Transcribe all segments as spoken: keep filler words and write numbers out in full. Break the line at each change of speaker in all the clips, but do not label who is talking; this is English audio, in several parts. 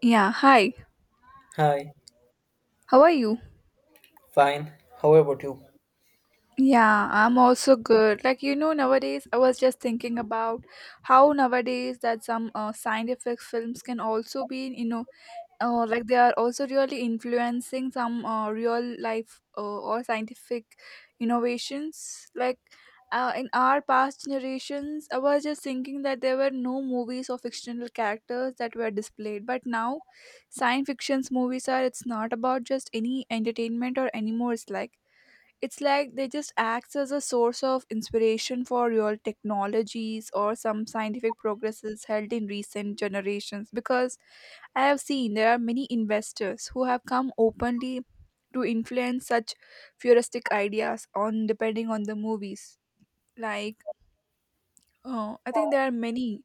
Yeah, hi.
Hi,
How are you?
fine. How about you?
Yeah, I'm also good. Like you know, nowadays I was just thinking about how nowadays that some uh, scientific films can also be, you know, uh, like they are also really influencing some uh, real life uh, or scientific innovations. Like uh, in our past generations, I was just thinking that there were no movies or fictional characters that were displayed, but now science fiction's movies are. It's not about just any entertainment or anymore. It's like it's like they just acts as a source of inspiration for real technologies or some scientific progresses held in recent generations because I have seen there are many investors who have come openly to influence such futuristic ideas on depending on the movies. Like uh, I think there are many.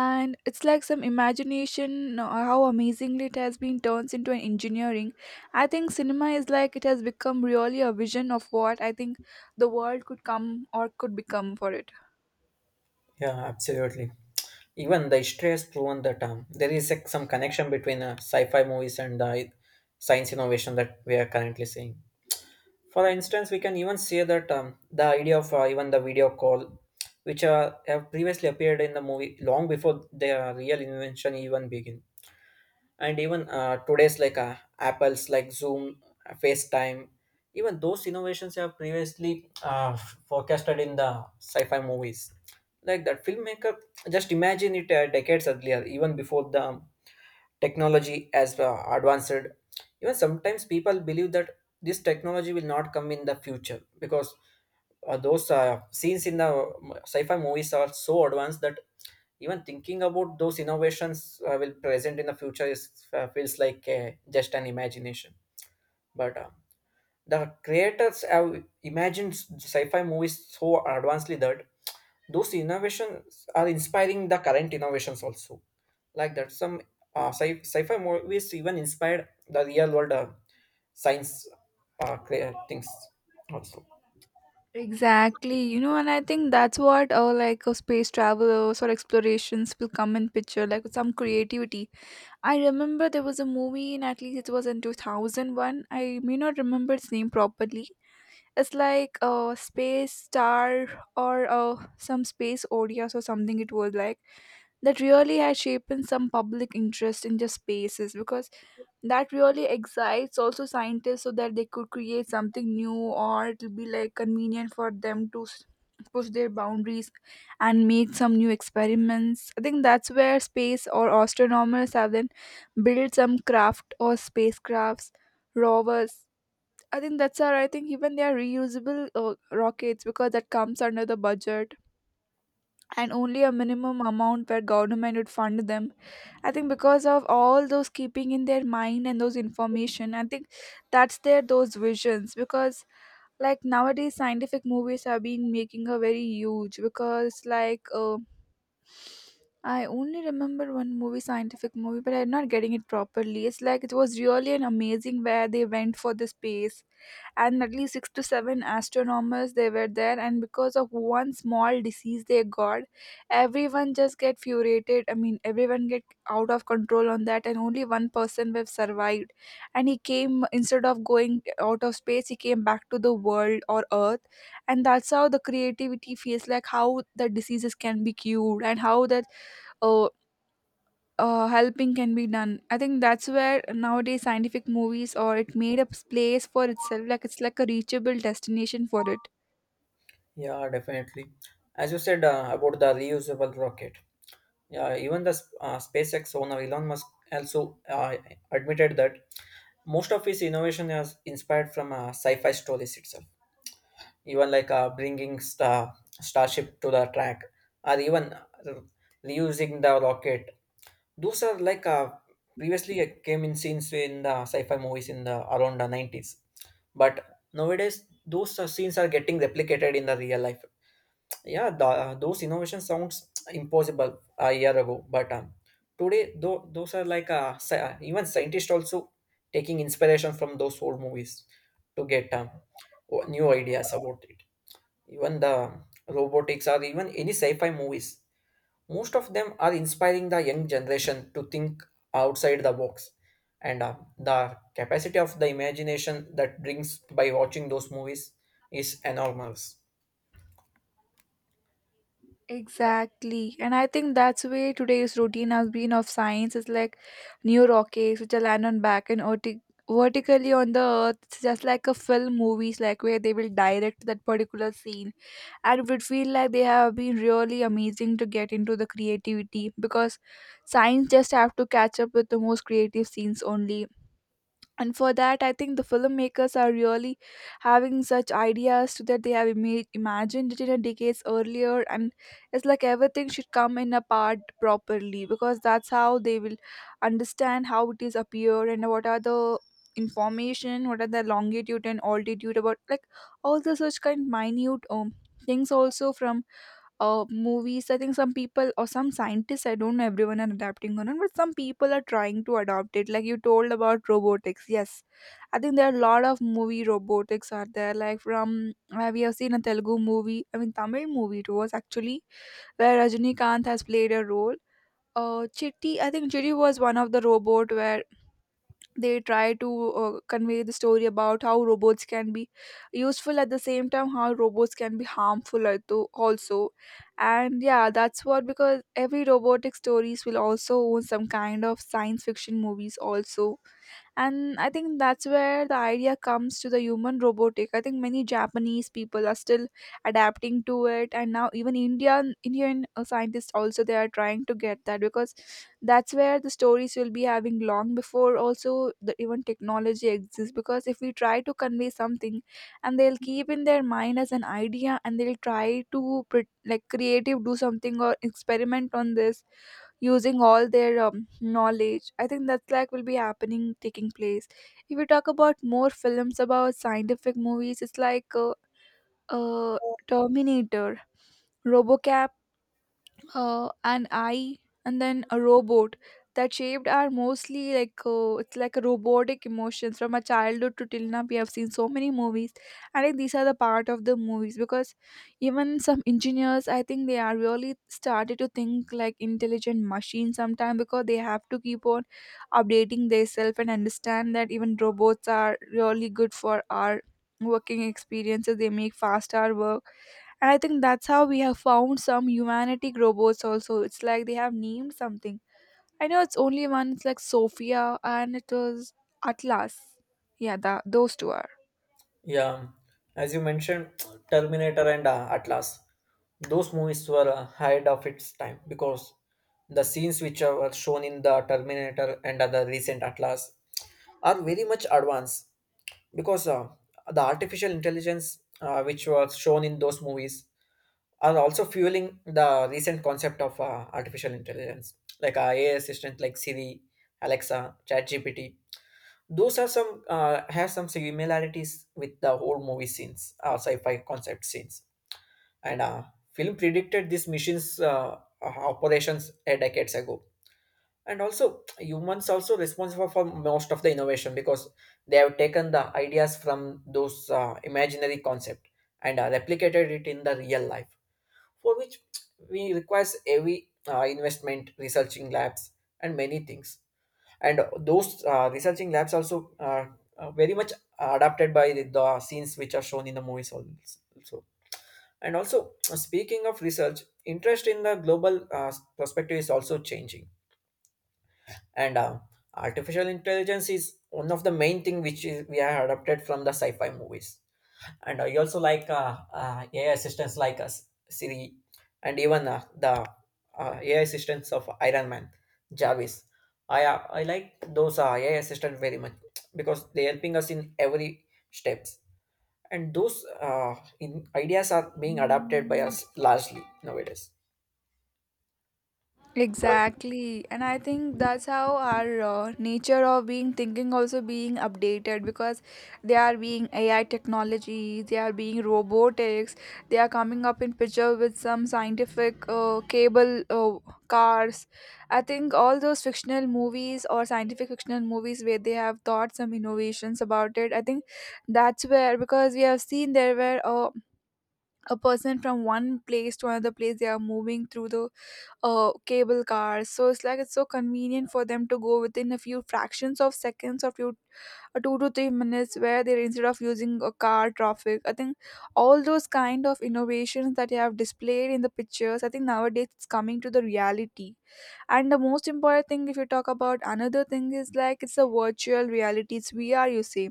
And it's like some imagination, uh, how amazingly it has been turned into an engineering. I think cinema is like it has become really a vision of what I think the world could come or could become for it.
Yeah, absolutely. Even the history has proven that um, there is like, some connection between uh, sci-fi movies and the science innovation that we are currently seeing. For instance, we can even see that um, the idea of uh, even the video call, which uh, have previously appeared in the movie long before their real invention even began. And even uh, today's like uh, Apple's like Zoom, uh, FaceTime, even those innovations have previously uh, forecasted in the sci-fi movies, like that filmmaker just imagine it uh, decades earlier even before the technology as uh, advanced. Even sometimes people believe that this technology will not come in the future, because uh, those uh, scenes in the uh, sci-fi movies are so advanced that even thinking about those innovations uh, will present in the future is uh, feels like uh, just an imagination. But uh, the creators have imagined sci-fi movies so advancedly that those innovations are inspiring the current innovations also, like that some uh, sci- sci-fi movies even inspired the real world uh, science uh, crea- things also.
Exactly, you know, and I think that's what uh, like uh, space travelers or explorations will come in picture like with some creativity. I remember there was a movie in, at least it was in two thousand one, I may not remember its name properly. It's like a space star, or uh, some space O D S or something. It was like that really has shaped some public interest in just spaces because that really excites also scientists so that they could create something new, or it'll be like convenient for them to s- push their boundaries and make some new experiments. I think that's where space or astronomers have then built some craft or spacecrafts, rovers. I think that's our. I think even they are reusable uh, rockets because that comes under the budget and only a minimum amount where government would fund them. I think because of all those keeping in their mind and those information, I think that's their those visions because like nowadays scientific movies have been making a very huge because like uh, I only remember one movie, scientific movie, but I'm not getting it properly. It's like it was really an amazing where they went for the space and at least six to seven astronomers they were there, and because of one small disease they got, everyone just get furiated. I mean everyone get out of control on that, and only one person have survived, and he came instead of going out of space he came back to the world or earth. And that's how the creativity feels like, how the diseases can be cured and how that uh, uh, helping can be done. I think that's where nowadays scientific movies or it made a place for itself. Like it's like a reachable destination for it.
Yeah, definitely. As you said, uh, about the reusable rocket. Yeah, even the sp- uh, SpaceX owner Elon Musk also uh, admitted that most of his innovation is inspired from uh, sci-fi stories itself. Even like uh, bringing star starship to the track, or even uh, reusing the rocket. Those are like uh, previously it came in scenes in the sci-fi movies in the around the nineties. But nowadays, those uh, scenes are getting replicated in the real life. Yeah, the, uh, those innovation sounds impossible a year ago. But um, today, though, those are like uh, sci- uh, even scientists also taking inspiration from those old movies to get um, o- new ideas about it. Even the robotics or even any sci-fi movies, most of them are inspiring the young generation to think outside the box. And uh, the capacity of the imagination that brings by watching those movies is enormous.
Exactly. And I think that's where today's routine has been of science is like new rockets which are land on back and verti- vertically on the earth. It's just like a film movies like where they will direct that particular scene. And it would feel like they have been really amazing to get into the creativity because science just have to catch up with the most creative scenes only, and for that I think the filmmakers are really having such ideas to that they have ima- imagined it in a decades earlier. And it's like everything should come in a part properly because that's how they will understand how it is appeared and what are the information, what are the longitude and altitude about, like all the such kind minute um, things also from uh, movies. I think some people or some scientists, I don't know everyone are adapting or not, but some people are trying to adopt it. Like you told about robotics. Yes. I think there are a lot of movie robotics are there. Like from uh, we have seen a Telugu movie, I mean Tamil movie it was actually, where Rajinikanth has played a role. Uh, Chitti, I think Chitti was one of the robot where they try to uh, convey the story about how robots can be useful, at the same time how robots can be harmful al- to- also. And yeah, that's what because every robotic stories will also own some kind of science fiction movies also. And I think that's where the idea comes to the human robotic. I think many japanese people are still adapting to it, and now even indian indian uh, scientists also they are trying to get that because that's where the stories will be having long before also, the even technology exists, because if we try to convey something and they'll keep in their mind as an idea, and they'll try to pre- like creative do something or experiment on this using all their um, knowledge. I think that's like will be happening taking place. If we talk about more films about scientific movies, it's like uh, uh terminator, robocop, uh, an eye, and then a robot. That shaped are mostly like uh, it's like a robotic emotions. From our childhood to till now we have seen so many movies. I think these are the part of the movies because even some engineers, I think they are really started to think like intelligent machines sometime, because they have to keep on updating themselves and understand that even robots are really good for our working experiences, they make faster work. And I think that's how we have found some humanistic robots also. It's like they have named something. I know it's only one, it's like Sophia, and it was Atlas. Yeah, that, those two are.
Yeah, as you mentioned, Terminator and uh, Atlas, those movies were uh, ahead of its time, because the scenes which are- were shown in the Terminator and other recent Atlas are very much advanced. Because uh, the artificial intelligence uh, which was shown in those movies are also fueling the recent concept of uh, artificial intelligence, like our A I assistant like Siri, Alexa, ChatGPT. Those are some uh, have some similarities with the whole movie scenes, uh, sci-fi concept scenes. And uh, film predicted these missions uh, uh, operations a decades ago. And also, humans also responsible for most of the innovation because they have taken the ideas from those uh, imaginary concept and uh, replicated it in the real life, for which we requires heavy uh, investment, researching labs, and many things. And those uh, researching labs also uh, are very much adapted by the, the scenes which are shown in the movies also. So, and also speaking of research interest in the global uh, perspective is also changing. And uh, artificial intelligence is one of the main thing which is, we are adapted from the sci-fi movies. And I also like uh, uh, A I assistants like uh, S- Siri, and even uh, the uh, A I assistants of Iron Man, Jarvis. I uh, I like those uh, A I assistants very much because they helping us in every steps. And those uh, in ideas are being adapted by us largely nowadays.
Exactly, and I think that's how our uh, nature of being thinking also being updated because they are being A I technology, they are being robotics, they are coming up in picture with some scientific uh, cable uh, cars. I think all those fictional movies or scientific fictional movies where they have thought some innovations about it. I think that's where because we have seen there were uh, a person from one place to another place they are moving through the uh, cable cars. So it's like it's so convenient for them to go within a few fractions of seconds, or few uh, two to three minutes, where they're instead of using a car traffic. I think all those kind of innovations that you have displayed in the pictures, I think nowadays it's coming to the reality. And the most important thing, if you talk about another thing, is like it's a virtual reality, it's V R, you see.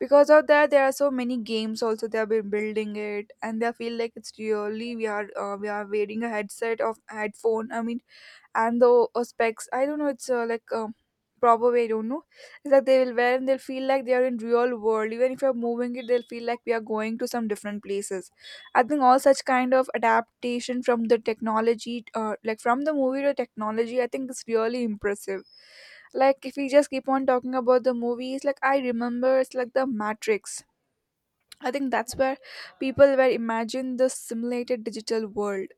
Because of that, there are so many games also. They have been building it, and they feel like it's really we are uh, we are wearing a headset of headphone. I mean, and the uh, specs I don't know, it's uh, like um, proper way I don't know. It's like they will wear and they'll feel like they are in real world. Even if you're moving it they'll feel like we are going to some different places. I think all such kind of adaptation from the technology, uh, like from the movie to technology, I think it's really impressive. Like if we just keep on talking about the movies like I remember, it's like the matrix. I think that's where people were imagine the simulated digital world.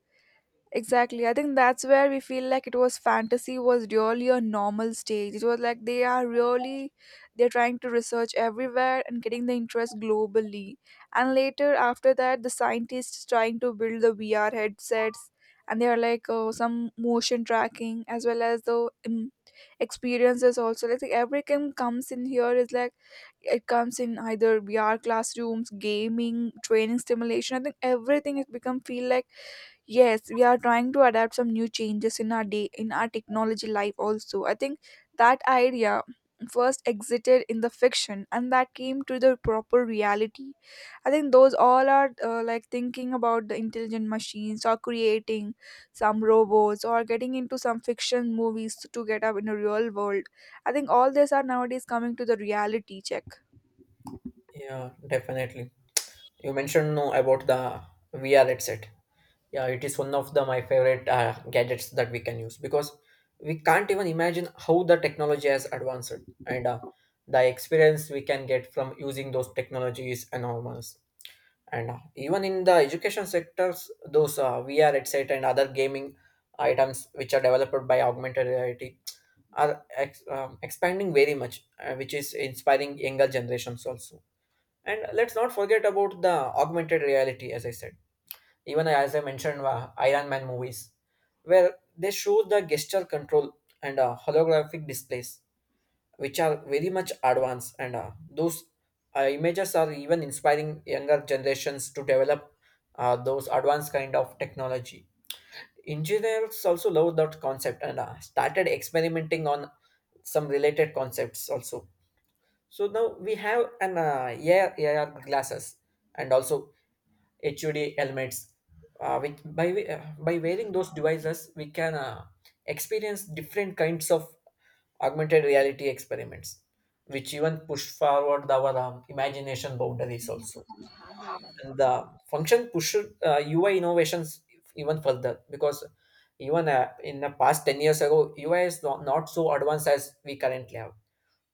Exactly. I think that's where we feel like it was fantasy was really a normal stage. It was like they are really, they're trying to research everywhere and getting the interest globally. And later after that the scientists trying to build the V R headsets, and they are like uh, some motion tracking as well as the um, experiences also. Like everything comes in here is like it comes in either V R classrooms, gaming, training stimulation. I think everything has become feel like yes we are trying to adapt some new changes in our day in our technology life also. I think that idea first exited in the fiction and that came to the proper reality. I think those all are uh, like thinking about the intelligent machines, or creating some robots, or getting into some fiction movies to get up in a real world. I think all these are nowadays coming to the reality check.
Yeah, definitely. You mentioned no about the V R headset. Yeah, it is one of the my favorite uh, gadgets that we can use, because we can't even imagine how the technology has advanced. And uh, the experience we can get from using those technology is enormous. And uh, even in the education sectors, those uh, V R headset and other gaming items which are developed by augmented reality are ex- um, expanding very much, uh, which is inspiring younger generations also. And let's not forget about the augmented reality, as I said. Even as I mentioned, uh, Iron Man movies, where they show the gesture control and uh, holographic displays, which are very much advanced. And uh, those uh, images are even inspiring younger generations to develop uh, those advanced kind of technology. Engineers also love that concept and uh, started experimenting on some related concepts also. So now we have an uh, A R glasses and also HUD helmets. Uh, with, by, we- uh, by wearing those devices, we can uh, experience different kinds of augmented reality experiments, which even push forward our um, imagination boundaries also. And the function push uh, U I innovations even further. Because even uh, in the past ten years ago, U I is not, not so advanced as we currently have.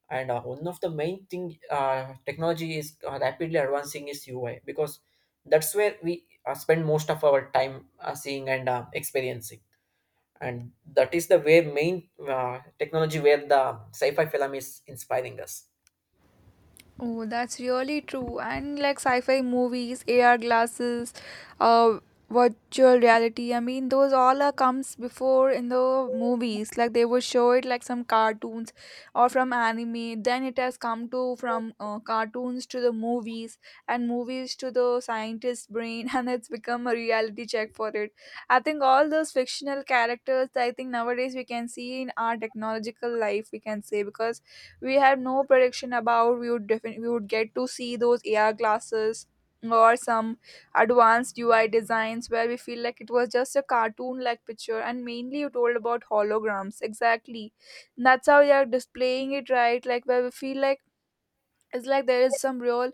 And uh, one of the main thing uh, technology is uh, rapidly advancing is U I, because that's where we uh, spend most of our time uh, seeing and uh, experiencing. And that is the way main uh, technology where the sci-fi film is inspiring us.
Oh, that's really true. And like sci-fi movies, A R glasses, uh, virtual reality. I mean, those all are comes before in the movies. Like they would show it like some cartoons or from anime. Then it has come to from uh, cartoons to the movies, and movies to the scientist brain, and it's become a reality check for it. I think all those fictional characters. I think nowadays we can see in our technological life. We can say because we had no prediction about we would defin- we would get to see those A R glasses or some advanced U I designs where we feel like it was just a cartoon like picture, and mainly you told about holograms. Exactly, and that's how they are displaying it, right? Like where we feel like it's like there is some real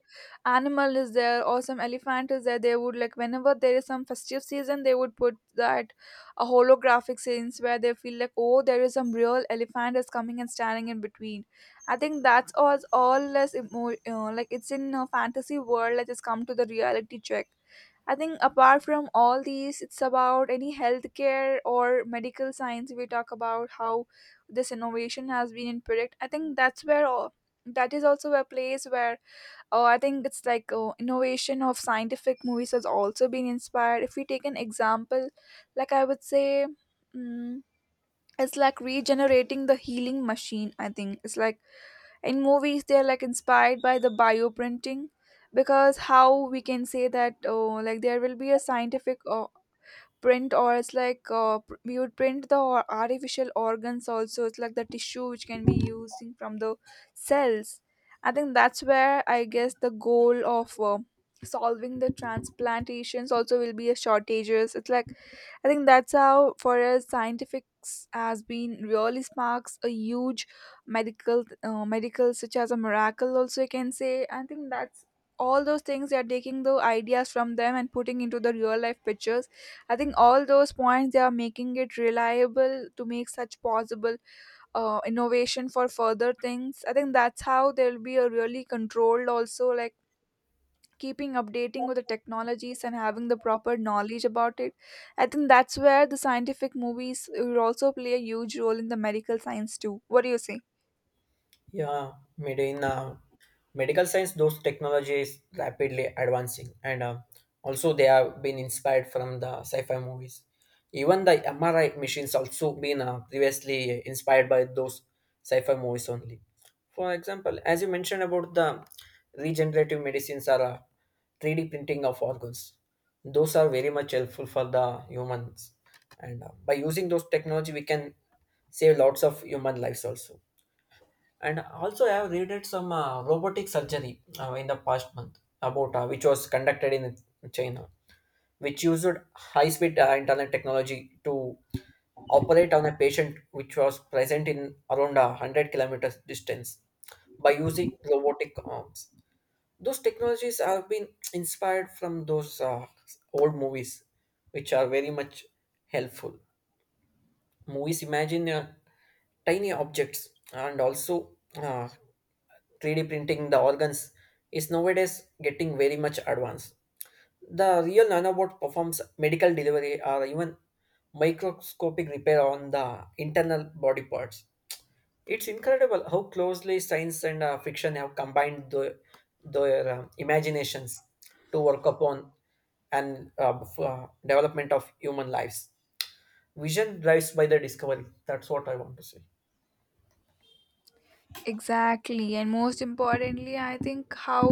animal is there or some elephant is there. They would like, whenever there is some festive season, they would put that a holographic scenes where they feel like, oh, there is some real elephant is coming and standing in between. I think that's all all less emo- uh, like it's in a fantasy world that has come to the reality check. I think apart from all these, it's about any healthcare or medical science. We talk about how this innovation has been in predict. I think that's where all that is also a place where, oh, I think it's like, oh, innovation of scientific movies has also been inspired. If we take an example, like I would say, mm, it's like regenerating the healing machine. I think it's like in movies they're like inspired by the bioprinting, because how we can say that, oh, like there will be a scientific uh, print, or it's like uh, pr- we would print the or- artificial organs also. It's like the tissue which can be using from the cells. I think that's where, I guess, the goal of uh, solving the transplantations also will be a shortages. It's like, I think that's how, for us, scientifics has been really sparks a huge medical, uh, medical such as a miracle. Also, you can say. I think that's all those things they are taking the ideas from them and putting into the real life pictures. I think all those points they are making it reliable to make such possible uh, innovation for further things. I think that's how there will be a really controlled also, like keeping updating with the technologies and having the proper knowledge about it. I think that's where the scientific movies will also play a huge role in the medical science too. What do you say?
Yeah, made in uh, medical science, those technologies rapidly advancing. And uh, also, they have been inspired from the sci-fi movies. Even the M R I machines also been uh, previously inspired by those sci-fi movies only. For example, as you mentioned about the regenerative medicines, are uh, three D printing of organs. Those are very much helpful for the humans. And uh, by using those technology we can save lots of human lives also. And also, I have read some uh, robotic surgery uh, in the past month about uh, which was conducted in China, which used high speed uh, internet technology to operate on a patient which was present in around a one hundred kilometers distance by using robotic arms. Those technologies have been inspired from those uh, old movies, which are very much helpful. Movies imagine uh, tiny objects, and also uh, three D printing the organs is nowadays getting very much advanced. The real nanobot performs medical delivery or even microscopic repair on the internal body parts. It's incredible how closely science and uh, fiction have combined the, their um, imaginations to work upon and uh, f- uh, development of human lives. Vision drives by the discovery. That's what I want to say.
Exactly, and most importantly, I think, how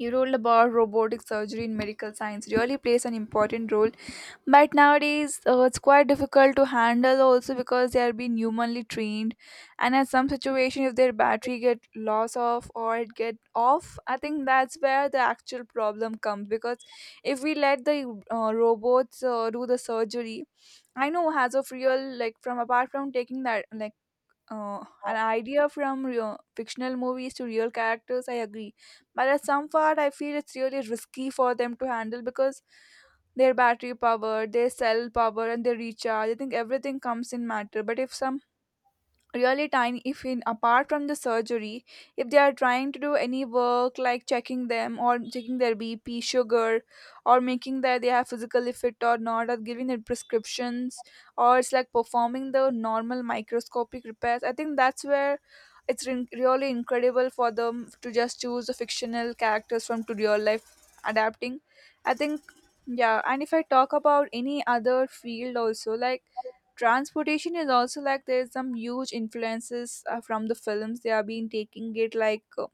you told about robotic surgery in medical science really plays an important role. But nowadays uh, it's quite difficult to handle also because they are being humanly trained, and at some situation, if their battery get loss off or it get off, I think that's where the actual problem comes, because if we let the uh, robots uh, do the surgery, I know as of real, like, from apart from taking that like, uh, an idea from real, fictional movies to real characters, I agree. But at some part, I feel it's really risky for them to handle because their battery power, their cell power, and their recharge, I think everything comes in matter. But if some really tiny, if in apart from the surgery, if they are trying to do any work like checking them or checking their bp sugar, or making that they have physically fit or not, or giving their prescriptions, or it's like performing the normal microscopic repairs, I think that's where it's re- really incredible for them to just choose the fictional characters from to real life adapting, I think. Yeah, and if I talk about any other field also, like transportation is also like there's some huge influences uh, from the films they have been taking it like, uh,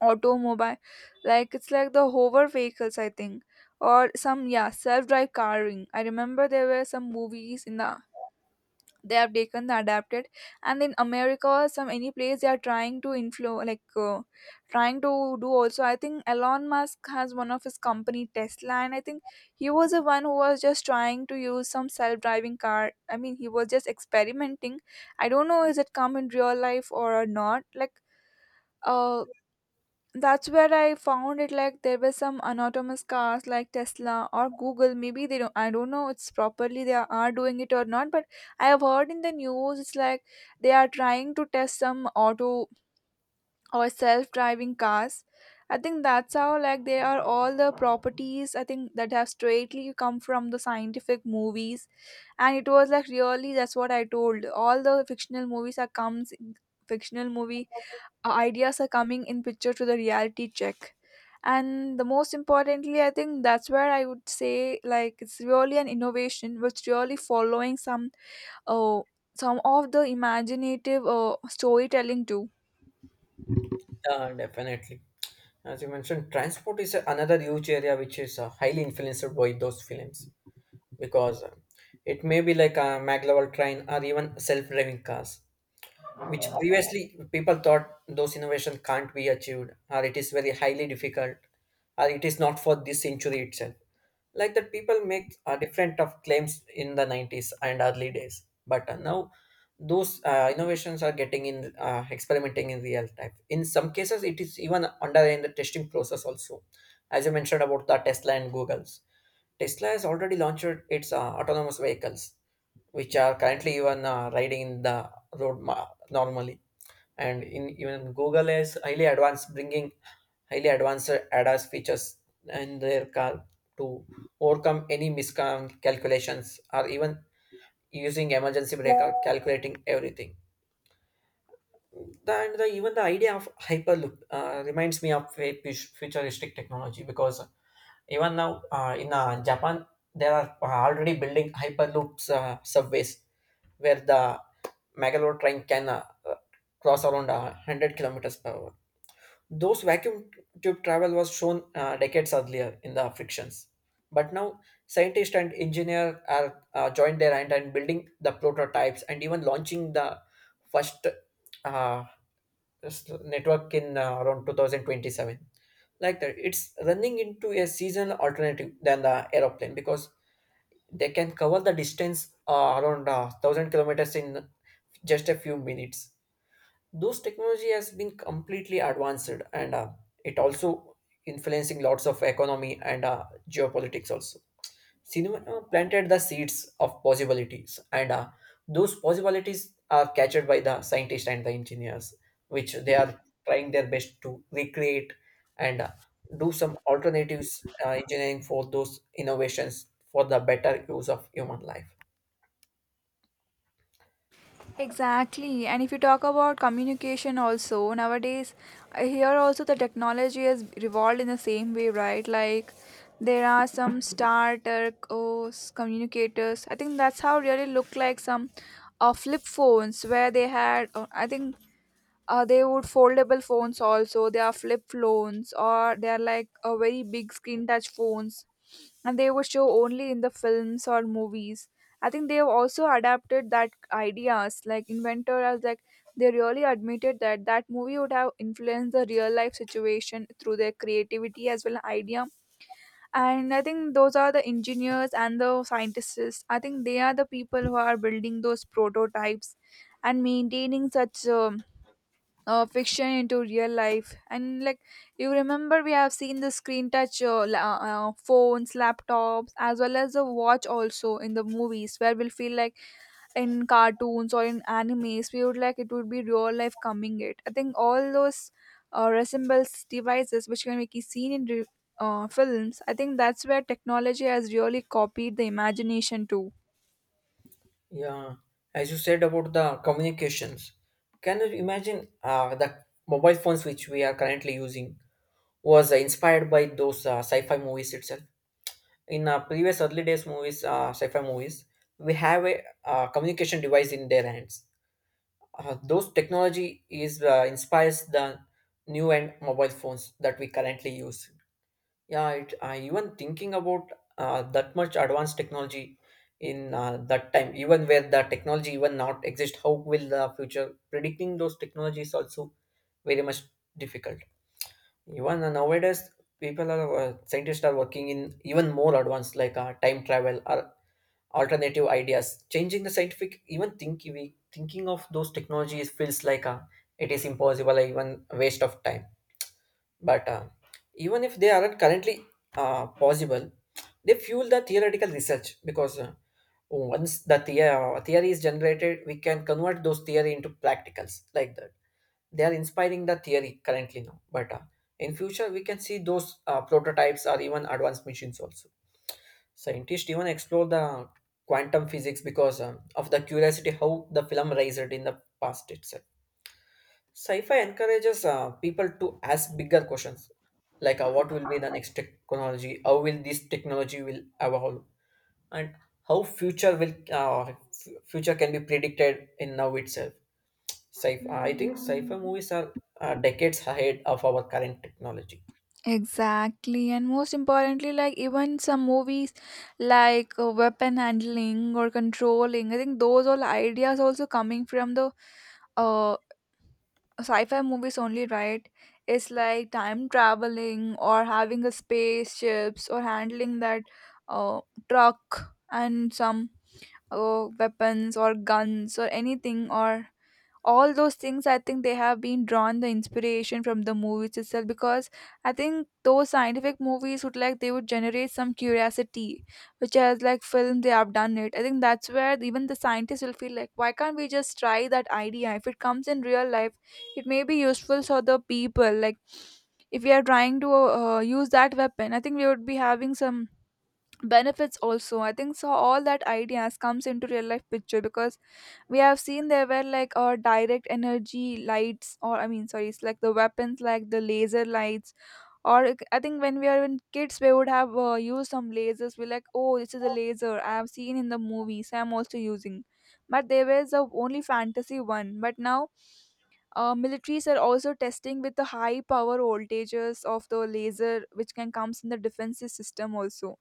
automobile, like it's like the hover vehicles, I think, or some, yeah, self-drive carring. I remember there were some movies in the, they have taken the adapted, and in america some any place they are trying to inflow like uh, trying to do also. I think elon musk has one of his company tesla, and I think he was the one who was just trying to use some self-driving car. I mean, he was just experimenting. I don't know is it come in real life or not, like, uh that's where I found it like there were some autonomous cars like Tesla or Google. Maybe they don't, I don't know it's properly they are doing it or not, but I have heard in the news it's like they are trying to test some auto or self driving cars. I think that's how, like, they are all the properties, I think, that have straightly come from the scientific movies. And it was like really that's what I told. All the fictional movies are comes, fictional movie uh, ideas are coming in picture to the reality check. And the most importantly, I think that's where I would say, like, it's really an innovation which really following some uh, some of the imaginative uh, storytelling too.
Uh, definitely. As you mentioned, transport is another huge area which is uh, highly influenced by those films. Because uh, it may be like a magleval train or even self-driving cars, which previously people thought those innovation can't be achieved, or it is very highly difficult, or it is not for this century itself, like that people make uh, different of claims in the nineties and early days. But uh, now, those uh, innovations are getting in uh, experimenting in real time. In some cases it is even under in the testing process also. As you mentioned about the Tesla and Google's, Tesla has already launched its uh, autonomous vehicles, which are currently even uh, riding in the road ma- normally. And in, even Google is highly advanced, bringing highly advanced ADAS features in their car to overcome any miscalculations or even using emergency brake or calculating everything. The, and the, even the idea of Hyperloop uh, reminds me of a pu- futuristic technology. Because even now uh, in uh, Japan, there are uh, already building Hyperloops uh, subways, where the Megalore train can uh, uh, cross around uh, one hundred kilometers per hour. Those vacuum tube travel was shown uh, decades earlier in the frictions. But now, scientists and engineers are uh, joined their hand and building the prototypes and even launching the first uh, s- network in uh, around two thousand twenty-seven. Like that, it's running into a seasonal alternative than the aeroplane, because they can cover the distance uh, around uh, one thousand kilometers in just a few minutes. Those technology has been completely advanced. And uh, it also influencing lots of economy and uh, geopolitics also. Cinema planted the seeds of possibilities, and uh, those possibilities are captured by the scientists and the engineers, which they are trying their best to recreate and uh, do some alternatives uh, engineering for those innovations for the better use of human life.
Exactly, and if you talk about communication also nowadays, I hear also the technology has evolved in the same way, right? Like there are some starter, oh, s- communicators, I think that's how really looked like some uh, flip phones, where they had, uh, I think, uh, they would foldable phones also, they are flip phones, or they are like a very big screen touch phones, and they were show only in the films or movies. I think they have also adapted that ideas like inventor as like, they really admitted that that movie would have influenced the real life situation through their creativity as well as idea. And I think those are the engineers and the scientists, I think they are the people who are building those prototypes and maintaining such um, uh, fiction into real life. And like, you remember we have seen the screen touch uh, la- uh, phones, laptops, as well as the watch also in the movies where we'll feel like, in cartoons or in animes we would like it would be real life coming it. I think all those uh, resembles devices which can be seen in re- uh, films. I think that's where technology has really copied the imagination too.
Yeah, as you said about the communications, can you imagine uh, the mobile phones which we are currently using was uh, inspired by those uh, sci-fi movies itself. In uh, previous early days movies, uh, sci-fi movies, we have a uh, communication device in their hands. Uh, those technology is uh, inspires the new and mobile phones that we currently use. Yeah, it, I even thinking about uh, that much advanced technology in uh, that time, even where the technology even not exist, how will the future predicting those technologies also very much difficult. Even uh, nowadays, people are uh, scientists are working in even more advanced, like uh, time travel or alternative ideas, changing the scientific even thinking. We thinking of those technologies feels like uh, it is impossible, like even waste of time. But uh, even if they aren't currently uh, possible, they fuel the theoretical research. Because uh, once the the- theory is generated, we can convert those theory into practicals like that. They are inspiring the theory currently now. But uh, in future we can see those uh, prototypes or even advanced machines also. Scientists even explore the quantum physics because um, of the curiosity how the film raised in the past itself. Sci-fi encourages uh, people to ask bigger questions, like uh, what will be the next technology, how will this technology will evolve, and how future will uh, f- future can be predicted in now itself. Sci- uh, I think sci-fi movies are uh, decades ahead of our current technology.
Exactly, and most importantly, like even some movies like uh, weapon handling or controlling, I think those all ideas also coming from the uh sci-fi movies only, right? It's like time traveling or having a spaceships or handling that uh truck and some uh, weapons or guns or anything, or all those things, I think they have been drawn the inspiration from the movies itself, because I think those scientific movies would, like, they would generate some curiosity which has like film they have done it. I think that's where even the scientists will feel like, why can't we just try that idea? If it comes in real life, it may be useful for the people, like, if we are trying to uh, use that weapon, I think we would be having some benefits also, I think. So all that ideas comes into real life picture, because we have seen there were like uh, direct energy lights, or, I mean, sorry, it's like the weapons like the laser lights. Or like, I think when we are in kids, we would have uh, used some lasers. We're like, oh, this is a laser I have seen in the movies, I'm also using. But there was a only fantasy one, but now uh, militaries are also testing with the high power voltages of the laser which can comes in the defensive system also.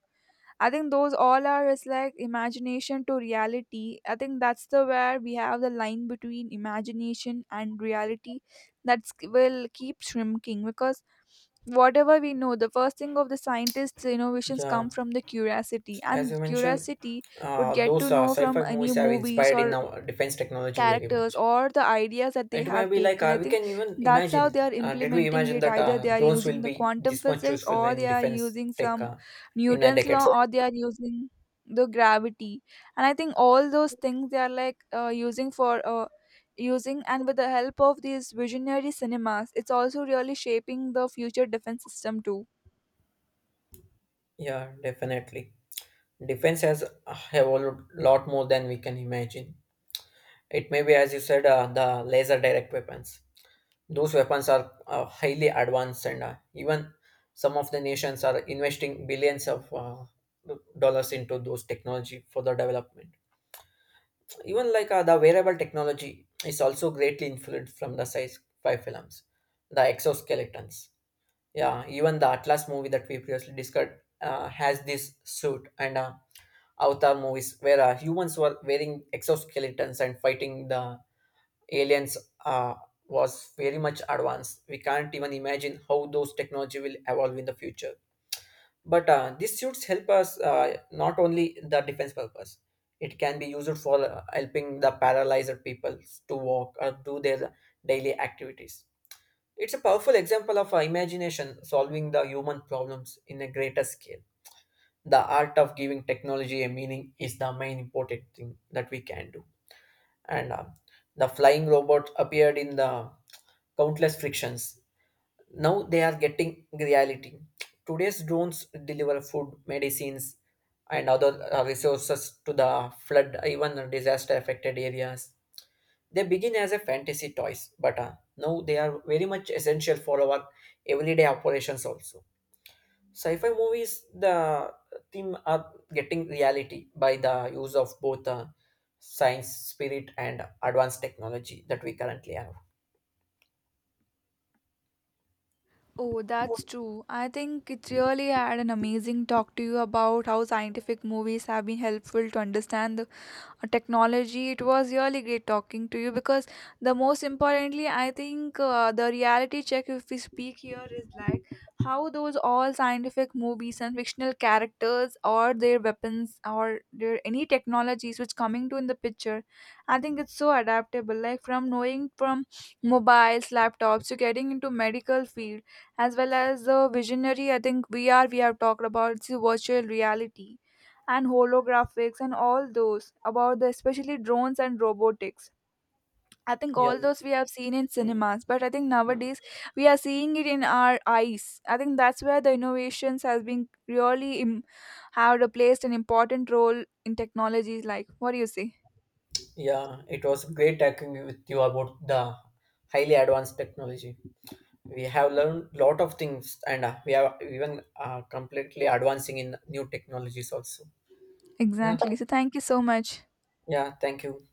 I think those all are is like imagination to reality. I think that's the where we have the line between imagination and reality, that's will keep shrinking, because whatever we know, the first thing of the scientists innovations
Yeah,
come from the curiosity,
as you
and
mentioned,
curiosity would
uh,
get
those
to
uh,
know from
sci-fi
any
movies have
movies
inspired in
or
our defense technology very
characters
much.
or the ideas that they
It may
have
be like
taken.
uh,
I
we
think
can even
that's how
imagine.
they are
Uh, did we
implementing
imagine
it.
that
Either
uh,
they are
drones will
using the
be
quantum
this much
physics,
useful
or
in
they are
defense
using
tech
some
uh, in a
Newton's
decade?
law, or they are using the gravity. And I think all those things they are like uh, using for uh, using, and with the help of these visionary cinemas, it's also really shaping the future defense system too.
Yeah, definitely. Defense has uh, have a lot more than we can imagine. It may be, as you said, uh, the laser direct weapons. Those weapons are uh, highly advanced. And uh, even some of the nations are investing billions of uh, dollars into those technology for the development. Even like uh, the wearable technology is also greatly influenced from the sci-fi films, the exoskeletons. Yeah, even the Atlas movie that we previously discussed uh, has this suit, and uh, Avatar movies where uh, humans were wearing exoskeletons and fighting the aliens uh, was very much advanced. We can't even imagine how those technology will evolve in the future. But uh, these suits help us uh, not only the defense purpose. It can be used for uh, helping the paralyzed people to walk or do their daily activities. It's a powerful example of uh, imagination solving the human problems in a greater scale. The art of giving technology a meaning is the main important thing that we can do. And uh, the flying robot appeared in the countless frictions. Now they are getting reality. Today's drones deliver food, medicines, and other uh, resources to the flood, even disaster affected areas. They begin as a fantasy toys. But uh, now they are very much essential for our everyday operations also. Sci-fi movies, the theme are getting reality by the use of both uh, science, spirit, and advanced technology that we currently have.
Oh, that's true. I think it really had an amazing talk to you about how scientific movies have been helpful to understand the uh, technology. It was really great talking to you because the most importantly, I think, uh, the reality check, if we speak here, is like how those all scientific movies and fictional characters or their weapons or their any technologies which coming to in the picture. I think it's so adaptable. Like from knowing from mobiles, laptops, to getting into medical field, as well as the visionary, I think V R, we have talked about, it's a virtual reality, and holographics and all those about the especially drones and robotics. I think all those we have seen in cinemas, but I think nowadays we are seeing it in our eyes. I think that's where the innovations has been really Im- have placed an important role in technologies. Like, what do you say?
Yeah, it was great talking with you about the highly advanced technology. We have learned lot of things, and uh, we are even uh, completely advancing in new technologies also. Yeah,
Exactly. So, thank you so much.
yeah. Thank you.